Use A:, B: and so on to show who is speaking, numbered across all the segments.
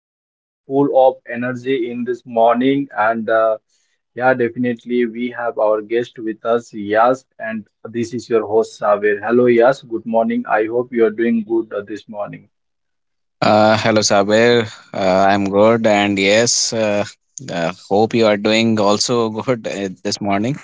A: and I am full of energy in this morning. And yeah, definitely we have our guest with us, Yas, and this is your host Saver. Hello Yas, good morning. I hope you are doing good this morning.
B: Hello, Saber. I'm good, and yes, hope you are doing also good this morning.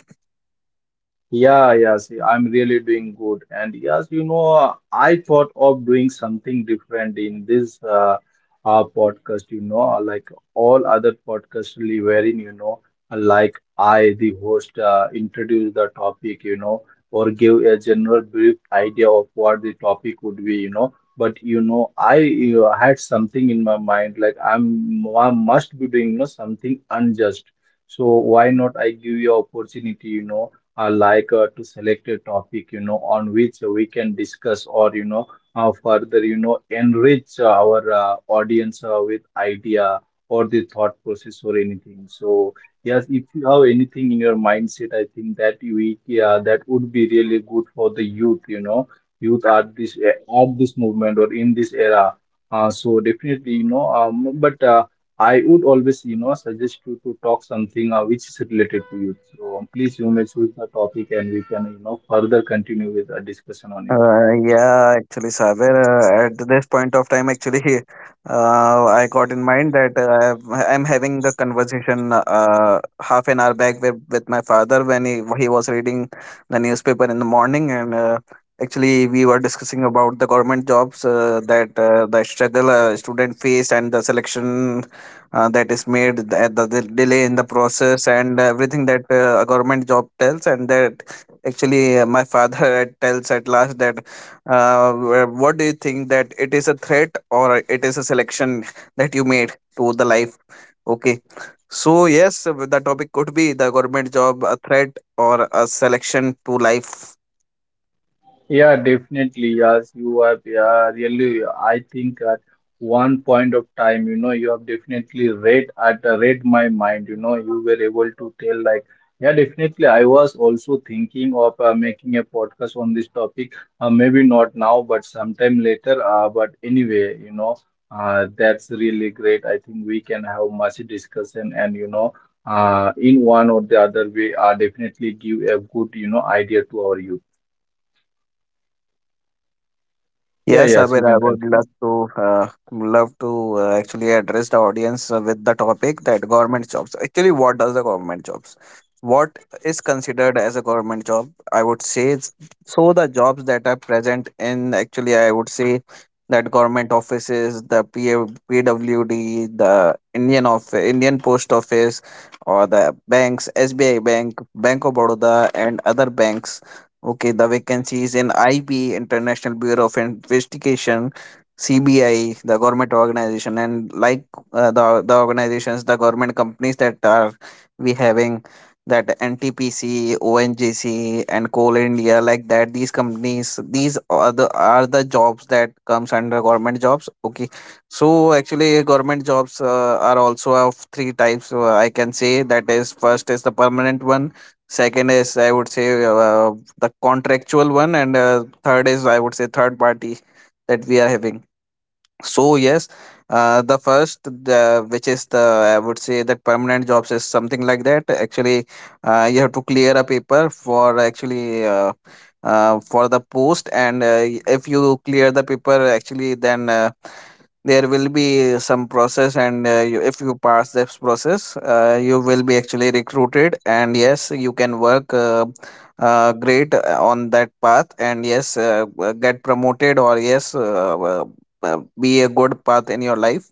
A: Yeah, yeah, see, I'm really doing good. And yes, I thought of doing something different in this podcast, like all other podcasts, really wherein, like the host, introduce the topic, or give a general brief idea of what the topic would be. But, I had something in my mind, like I must be doing, something unjust. So why not I give you opportunity? Like to select a topic on which we can discuss, or further enrich our audience with idea or the thought process or anything. So yes, if you have anything in your mindset, I think that that would be really good for the youth. Youth at this movement or in this era. So definitely but I would always, suggest you to talk something which is related to you. So please, you may choose the topic and we can, further continue with a discussion on it.
B: Yeah, actually, Saber, at this point of time, actually, I got in mind that I'm having the conversation half an hour back with my father when he was reading the newspaper in the morning. And actually, we were discussing about the government jobs that the struggle student faced and the selection that is made, the delay in the process, and everything that a government job tells, and that. Actually, my father tells at last that, what do you think that it is a threat or it is a selection that you made to the life? Okay. So, yes, the topic could be the government job, a threat or a selection to life.
A: Yeah, definitely. Yes, you have. Yeah, really. I think at one point of time, you have definitely read my mind. You were able to tell, like, yeah, definitely. I was also thinking of making a podcast on this topic. Maybe not now, but sometime later. But anyway, that's really great. I think we can have much discussion, and in one or the other way, definitely give a good, idea to our youth. Yeah,
B: Yes,
A: yes,
B: Abir,
A: you
B: I
A: can
B: would
A: continue.
B: love to actually address the audience with the topic that government jobs. Actually, what does the government jobs? What is considered as a government job? I would say it's, so the jobs that are present in, actually I would say that government offices, the PA, PWD, the Indian Post Office, or the banks, SBI Bank, Bank of Baroda, and other banks. Okay, the vacancy is in IB, International Bureau of Investigation, CBI, the government organization, and like the organizations, the government companies that are we having, that NTPC, and Coal India, like that. These companies, these are the jobs that comes under government jobs. Okay, so actually, government jobs are also of three types. I can say that is: first is the permanent one, second is I would say the contractual one, and third is I would say third party that we are having. So yes, the first, which is the, I would say that permanent jobs is something like that, actually you have to clear a paper for, actually for the post, and if you clear the paper actually, then there will be some process, and if you pass this process you will be actually recruited, and yes, you can work great on that path, and yes, get promoted, or yes, be a good path in your life,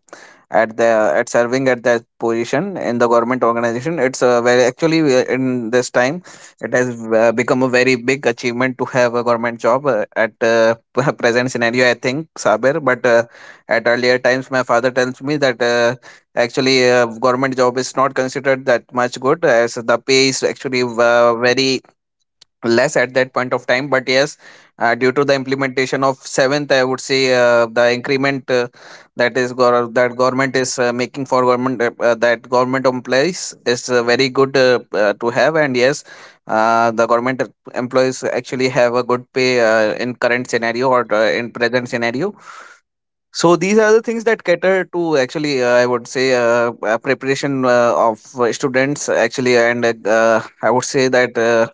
B: at the at serving at that position in the government organization. It's a very actually in this time it has become a very big achievement to have a government job at present scenario, I think, Saber, but at earlier times, my father tells me that actually government job is not considered that much good, as the pay is actually very less at that point of time. But yes, due to the implementation of seventh, I would say the increment that is that government is making for government, that government employees is very good to have. And yes, the government employees actually have a good pay in current scenario or in present scenario. So these are the things that cater to, actually, I would say, preparation of students, actually, and I would say that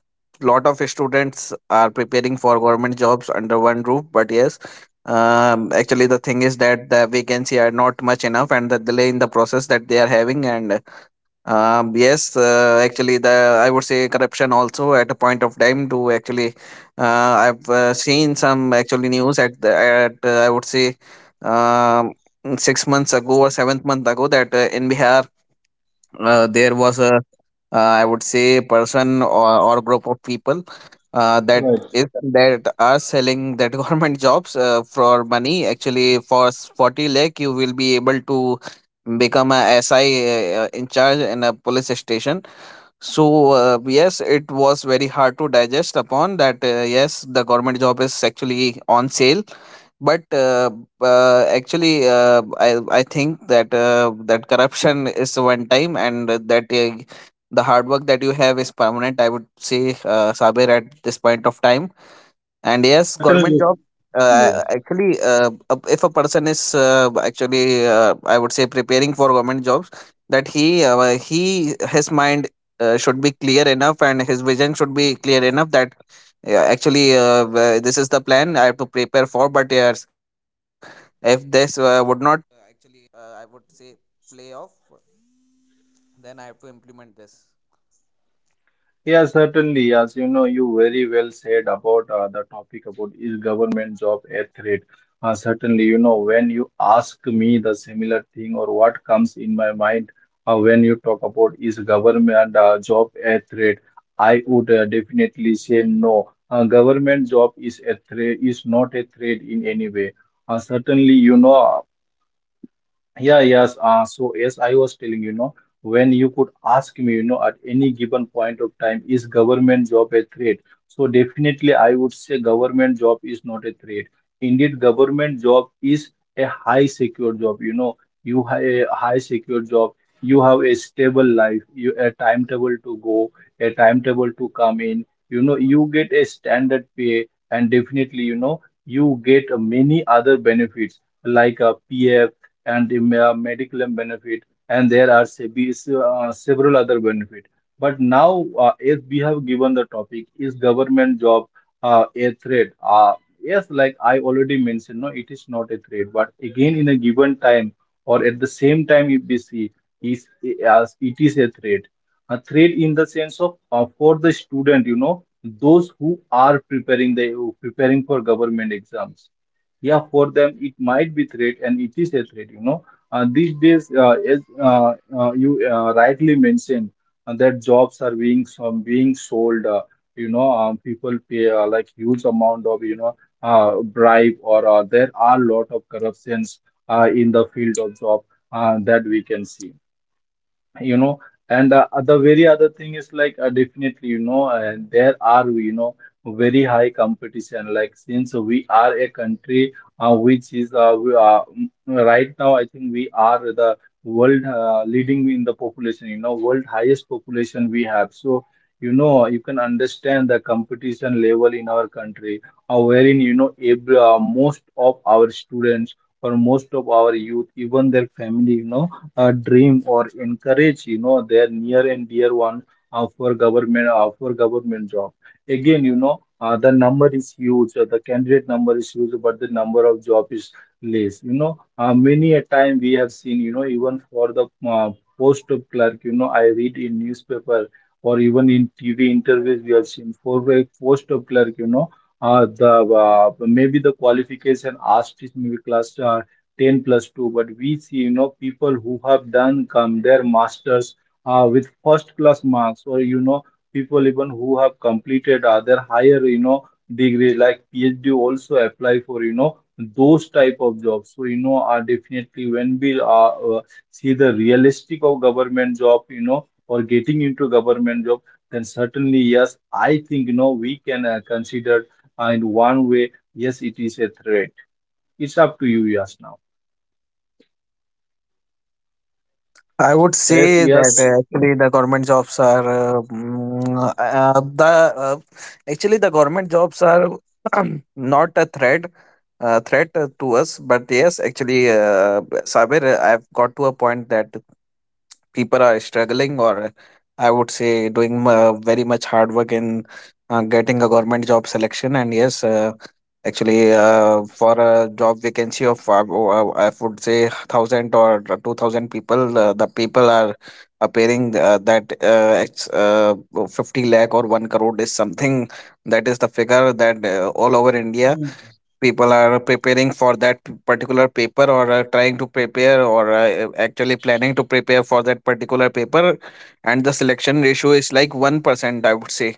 B: lot of students are preparing for government jobs under one roof. But yes, actually, the thing is that the vacancy are not much enough, and the delay in the process that they are having, and yes, actually, the I would say corruption also at a point of time to, actually, uh, I've seen some actually news at the at I would say, um, 6 months ago or seventh month ago, that in Bihar there was a, I would say, person, or group of people uh, that
A: Right.
B: is that are selling that government jobs for money, actually, for 40 lakh you will be able to become a si, in charge in a police station. So yes, it was very hard to digest upon that, yes, the government job is actually on sale. But actually I think that that corruption is one time, and that the hard work that you have is permanent, I would say, Saber, at this point of time. And yes, government
A: Certainly.
B: job.
A: Yes.
B: Actually, if a person is, actually, I would say, preparing for government jobs, that he his mind should be clear enough, and his vision should be clear enough that actually this is the plan I have to prepare for. But yes, if this would not.
A: Yeah, certainly. As you know, you very well said about the topic about is government job a threat. Certainly, when you ask me the similar thing or what comes in my mind when you talk about is government job a threat, I would definitely say no. Government job is not a threat in any way. Certainly. Yeah, yes. So yes, I was telling, when you could ask me, at any given point of time, is government job a threat? So definitely, I would say government job is not a threat. Indeed, government job is a high secure job. You have a high secure job. You have a stable life. You a timetable to go, a timetable to come in. You get a standard pay, and definitely, you get many other benefits like a PF and the medical benefit, and there are several other benefit. But now, as we have given the topic is government job a threat, yes, like I already mentioned, no, it is not a threat, but again in a given time or at the same time, if we see is as it is a threat, a threat in the sense of for the student, those who are preparing for government exams. Yeah, for them it might be threat, and it is a threat. These days, as you rightly mentioned that jobs are being some being sold, people pay, like huge amount of uh, bribe, or there are lot of corruptions in the field of job that we can see you know and the very other thing is like, definitely there are, very high competition, like since we are a country which is we are, right now I think we are the world leading in the population, world highest population we have. So you can understand the competition level in our country, wherein most of our students or most of our youth, even their family, dream or encourage, their near and dear one, for government job. Again, the number is huge, the candidate number is huge, but the number of job is less. Many a time we have seen, even for the post of clerk, I read in newspaper, or even in TV interviews we have seen for a post of clerk, the maybe the qualification asked is maybe class 10 plus 2, but we see, people who have done come their masters, with first class marks, or people even who have completed other higher, degree like PhD also apply for, those type of jobs. So are definitely when we see the realistic of government job, or getting into government job, then certainly yes, I think we can consider, in one way, yes, it is a threat. It's up to you. Yes, now.
B: I would
A: Yes,
B: say that
A: yes.
B: actually the government jobs are the actually the government jobs are not a threat, to us, but yes, actually, Sabir, I've got to a point that people are struggling, or I would say doing very much hard work in getting a government job selection. And yes, actually for a job vacancy of I would say 1,000 or 2,000 people, the people are appearing, that it's, 50 lakh or 1 crore is something, that is the figure that all over India
A: Hmm.
B: people are preparing for that particular paper, or are trying to prepare, or actually planning to prepare for that particular paper. And the selection ratio is like 1%, I would say.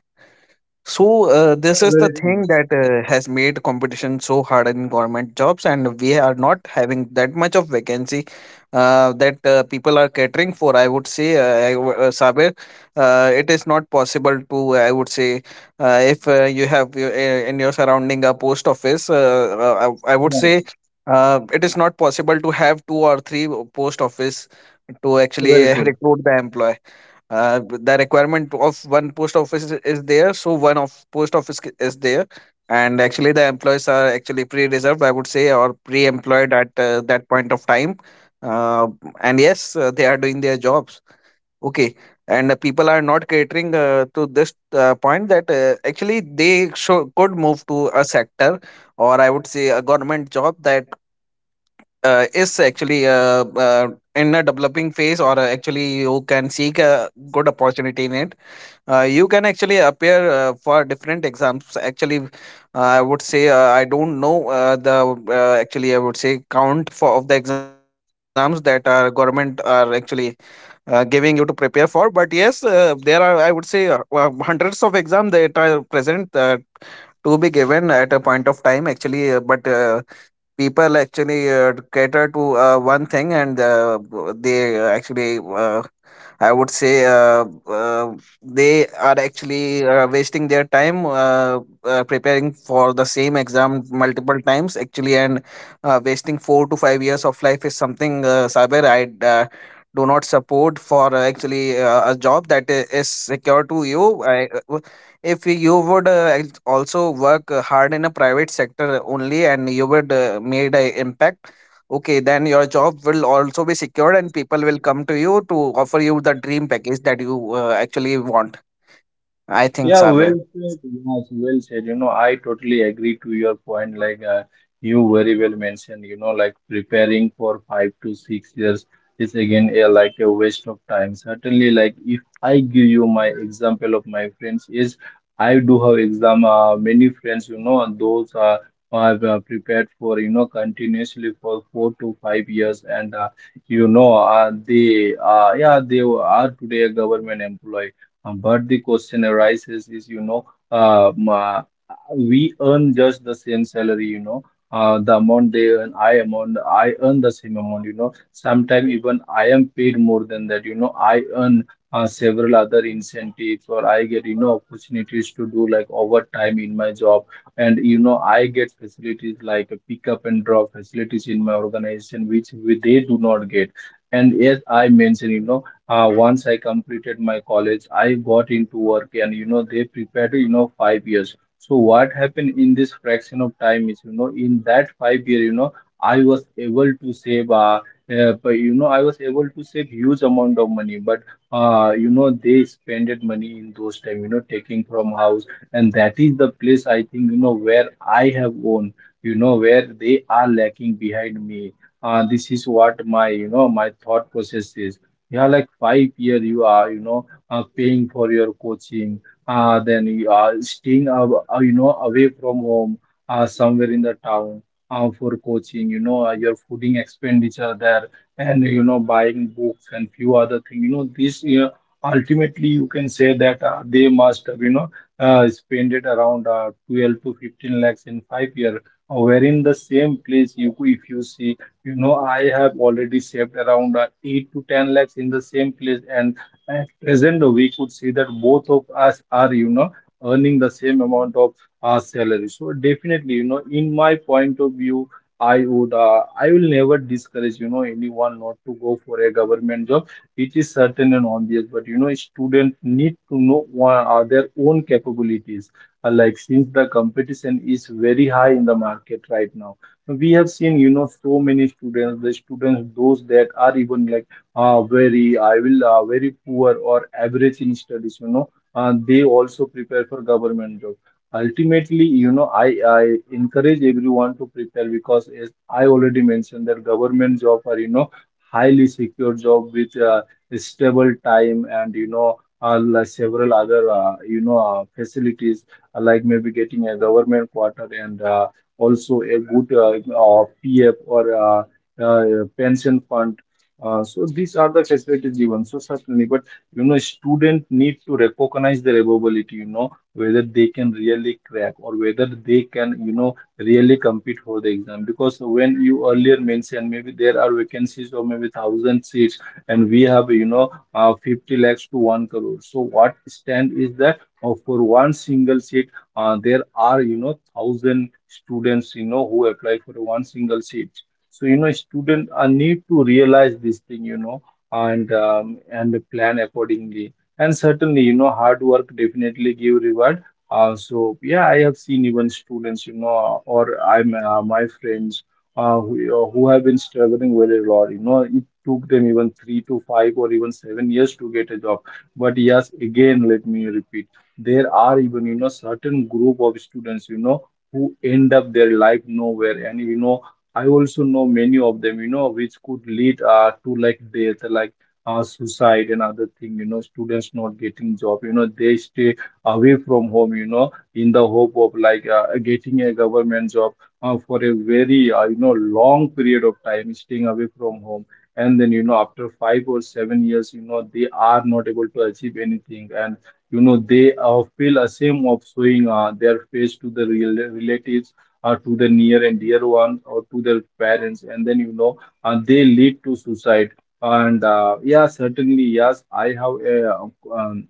B: So
A: Yeah,
B: this is the
A: very true.
B: thing that has made competition so hard in government jobs, and we are not having that much of vacancy that people are catering for. I would say, Sabir, it is not possible to. I would say, if you have in your surrounding a post office, I would say.
A: Right.
B: It is not possible to have two or three post office to
A: Very
B: actually
A: true.
B: recruit the employee, the requirement of one post office is there, so one of post office is there. And actually, the employees are actually pre-reserved, I would say, or pre-employed at that point of time, uh, and yes, they are doing their jobs. Okay. And people are not catering to this point that actually they should, could move to a sector, or I would say a government job that is actually in a developing phase, or actually you can seek a good opportunity in it. You can actually appear for different exams. Actually, I would say I don't know the actually I would say count for of the exams that our government are actually giving you to prepare for. But yes, there are, I would say, hundreds of exams that are present to be given at a point of time. Actually, but people actually cater to one thing, and they actually I would say, they are actually wasting their time preparing for the same exam multiple times, actually, and wasting 4 to 5 years of life is something, Saber, I do not support for actually a job that is secure to you. If you would also work hard in a private sector only, and you would made an impact. Okay, then your job will also be secured, and people will come to you to offer you the dream package that you actually want, I think,
A: Yeah, well
B: Sabir.
A: said. Yes, well said. I totally agree to your point. Like, you very well mentioned, like preparing for 5 to 6 years is again a, like a waste of time. Certainly, like if I give you my example of my friends, is I do have exam. Many friends, and those are have prepared for, continuously for 4 to 5 years, and they yeah, they are today a government employee. But the question arises is, uh, m- uh, we earn just the same salary. The amount they earn, I earn the same amount. Sometimes even I am paid more than that. I earn, several other incentives, or I get, opportunities to do like overtime in my job, and, I get facilities like a pick up and drop facilities in my organization, which they do not get. And as I mentioned. Once I completed my college, I got into work, and they prepared, 5 years. So what happened in this fraction of time is, in that 5 year, I was able to save. But I was able to save huge amount of money. But, they spended money in those time, taking from house, and that is the place, I think, where I have owned, where they are lacking behind me. This is what my you know my thought process is. Yeah, like 5 year you are, paying for your coaching, then you are staying, away from home, somewhere in the town, for coaching, your fooding expenditure there, and, buying books and few other things. This, ultimately you can say that they must, have, spend it around 12 to 15 lakhs in 5 year, wherein the same place you, if you see. I have already saved around 8 to 10 lakhs in the same place, and at present, we could see that both of us are, earning the same amount of salary. So definitely, in my point of view, I will never discourage, anyone not to go for a government job. It is certain and obvious, but students need to know what are their own capabilities. Like since the competition is very high in the market right now, we have seen, so many students, the students those that are even like, very I will very poor or average in studies. They also prepare for government job. Ultimately, I encourage everyone to prepare, because as I already mentioned, that government job are, highly secure job with stable time, and like several other facilities, like maybe getting a government quarter, and also a good PF, or pension fund. So these are the facilities given. So certainly, but student need to recognize their ability. Whether they can really crack or whether they can, really compete for the exam. Because when you earlier mentioned, maybe there are vacancies or maybe thousand seats, and we have, 50 lakhs to 1 crore. So what stand is that? Or for one single seat, there are thousand students who apply for one single seat. So students need to realize this thing, and plan accordingly. And certainly, hard work definitely give reward. So yeah, I have seen even students, or I'm my friends, who have been struggling very a lot. It took them even 3 to 5 or even 7 years to get a job. But yes, again let me repeat, there are even, certain group of students, who end up their life nowhere. And I also know many of them, which could lead, to like death, like suicide and other thing. Students not getting job, they stay away from home, in the hope of like getting a government job, for a very long period of time, staying away from home. And then, after 5 or 7 years, they are not able to achieve anything. And they feel ashamed of showing their face to the real relatives, or to the near and dear ones, or to their parents, and then they lead to suicide. And Yeah, certainly, yes, um,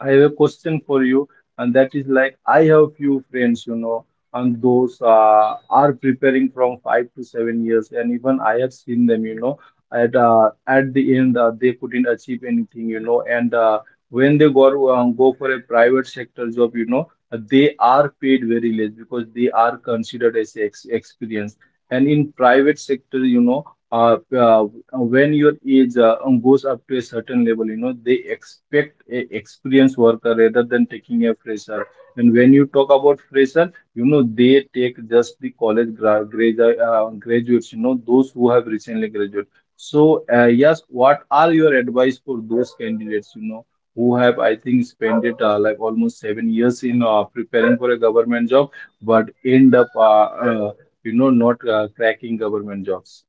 A: I have a question for you, and that is, like, I have few friends, you know, and those are preparing from 5 to 7 years, and even I have seen them, you know, at the end, they couldn't achieve anything, you know. And uh, when they go um, go for a private sector job, you know, they are paid very less because they are considered as ex experience, and in private sector, uh, uh, when your age goes up to a certain level, you know, they expect a experienced worker rather than taking a fresher. And when you talk about fresher, you know, they take just the college graduates, you know, those who have recently graduated. So, yes, what are your advice for those candidates, you know, who have, I think, spent it like almost 7 years in preparing for a government job, but end up, uh, you know, not cracking government jobs?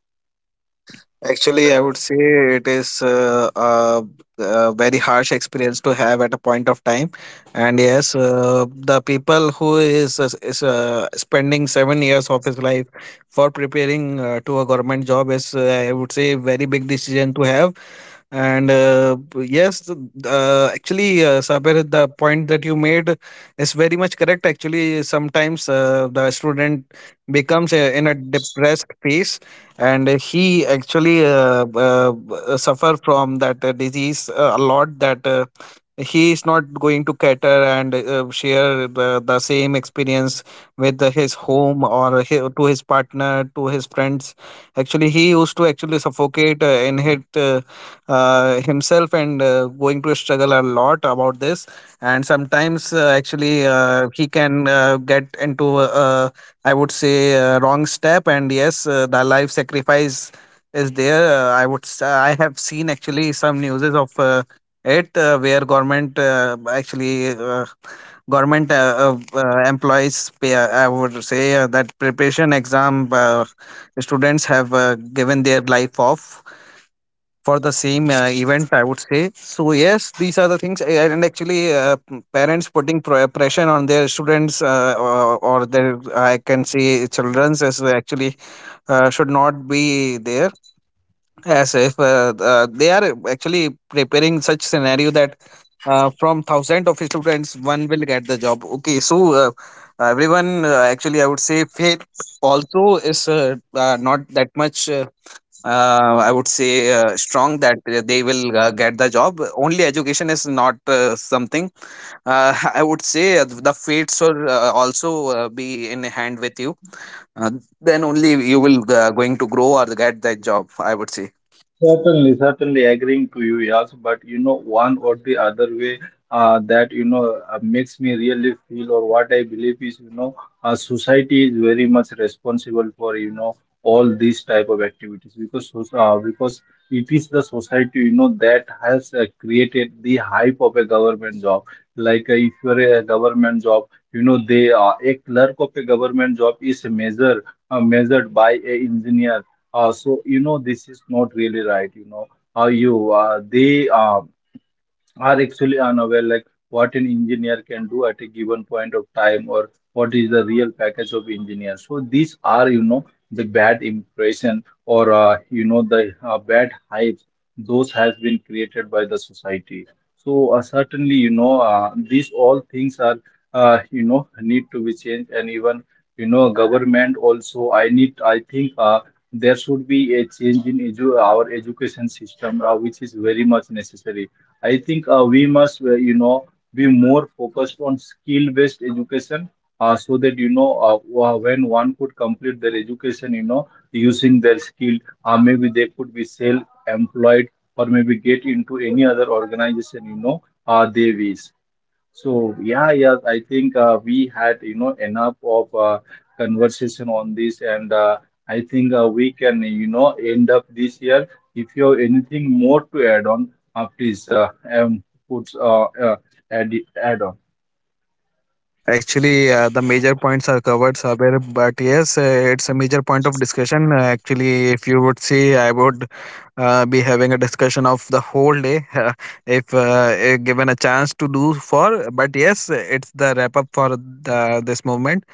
B: Actually, I would say it is a very harsh experience to have at a point of time, and yes, the people who is spending 7 years of his life for preparing to a government job is, I would say, very big decision to have. And yes, actually, Sabir, the point that you made is very much correct. Actually, sometimes the student becomes in a depressed phase, and he actually suffer from that disease a lot, that he is not going to cater and share the same experience with his home, or to his partner, to his friends. Actually, he used to actually suffocate in himself, and going to struggle a lot about this. And sometimes actually he can get into a, I would say, wrong step, and yes, the life sacrifice is there. I have seen actually some newses of it where government actually government employees. Pay, I would say that preparation exam students have given their life off for the same event, I would say. So yes, these are the things, and actually parents putting pressure on their students, or their, I can say, children's, as actually should not be there. As if they are actually preparing such scenario that from thousand of students one will get the job. Okay, so uh, everyone actually, I would say, faith also is not that much I would say strong that they will get the job. Only education is not something. I would say the fates will also be in hand with you. Uh, then only you will going to grow or get that job, I would say.
A: Certainly, certainly, agreeing to you, yes, but you know, one or the other way that, makes me really feel, or what I believe is, you know, society is very much responsible for, all these type of activities, because because it is the society, that has created the hype of a government job. Like, if you are a government job, you know, they a clerk of a government job is measured by a engineer. So this is not really right. You know, how you they are actually unaware like what an engineer can do at a given point of time, or what is the real package of engineer. So these are, the bad impression, or, the bad hypes those has been created by the society. So certainly, these all things are, need to be changed. And even, government also, I think, there should be a change in our education system, which is very much necessary. I think we must, be more focused on skill-based education, so that, when one could complete their education, you know, using their skill, maybe they could be self-employed, or maybe get into any other organization, you know, they wish. So yeah, yeah, I think we had, enough of conversation on this, and I think we can, end up this year. If you have anything more to add on, please put, add on.
B: Actually, the major points are covered, Saber, but yes, it's a major point of discussion. Actually, if you would see, I would be having a discussion of the whole day, if given a chance to do for. But yes, it's the wrap up for this movement,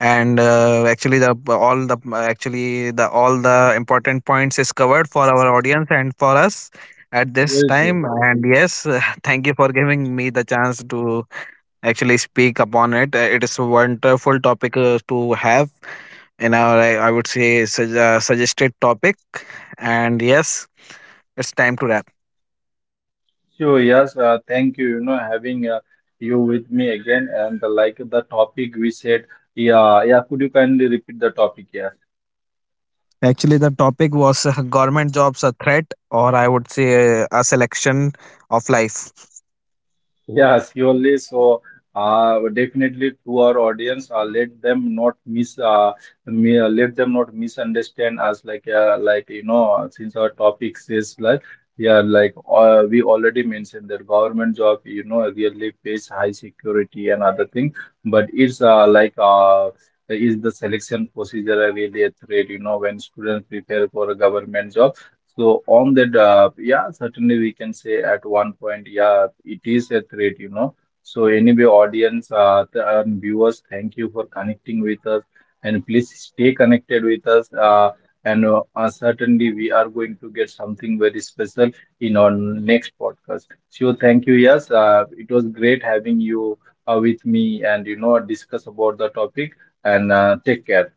B: and actually, the all the important points is covered for our audience and for us at this
A: Very good.
B: time. And yes, thank you for giving me the chance to actually speak upon it. It is a wonderful topic to have in our, I would say, suggested topic. And yes, it's time to wrap.
A: Sure. Yes. Thank you, you know, having you with me again, and like the topic we said. Yeah. Yeah. Could you kindly repeat the topic? Yeah.
B: Actually, the topic was government jobs a threat, or I would say a selection of life.
A: Yes, surely. So, definitely to our audience, let them not misunderstand us. Like, you know, since our topic says, like, yeah, like, we already mentioned that government job, you know, really pays high security and other thing, but it's like is the selection procedure really a threat? You know, when students prepare for a government job. So on that, yeah, certainly we can say at one point, yeah, it is a threat, you know. So anyway, audience, and viewers, thank you for connecting with us, and please stay connected with us. And certainly, we are going to get something very special in our next podcast. So thank you. Yes, it was great having you with me, and, discuss about the topic. And take care.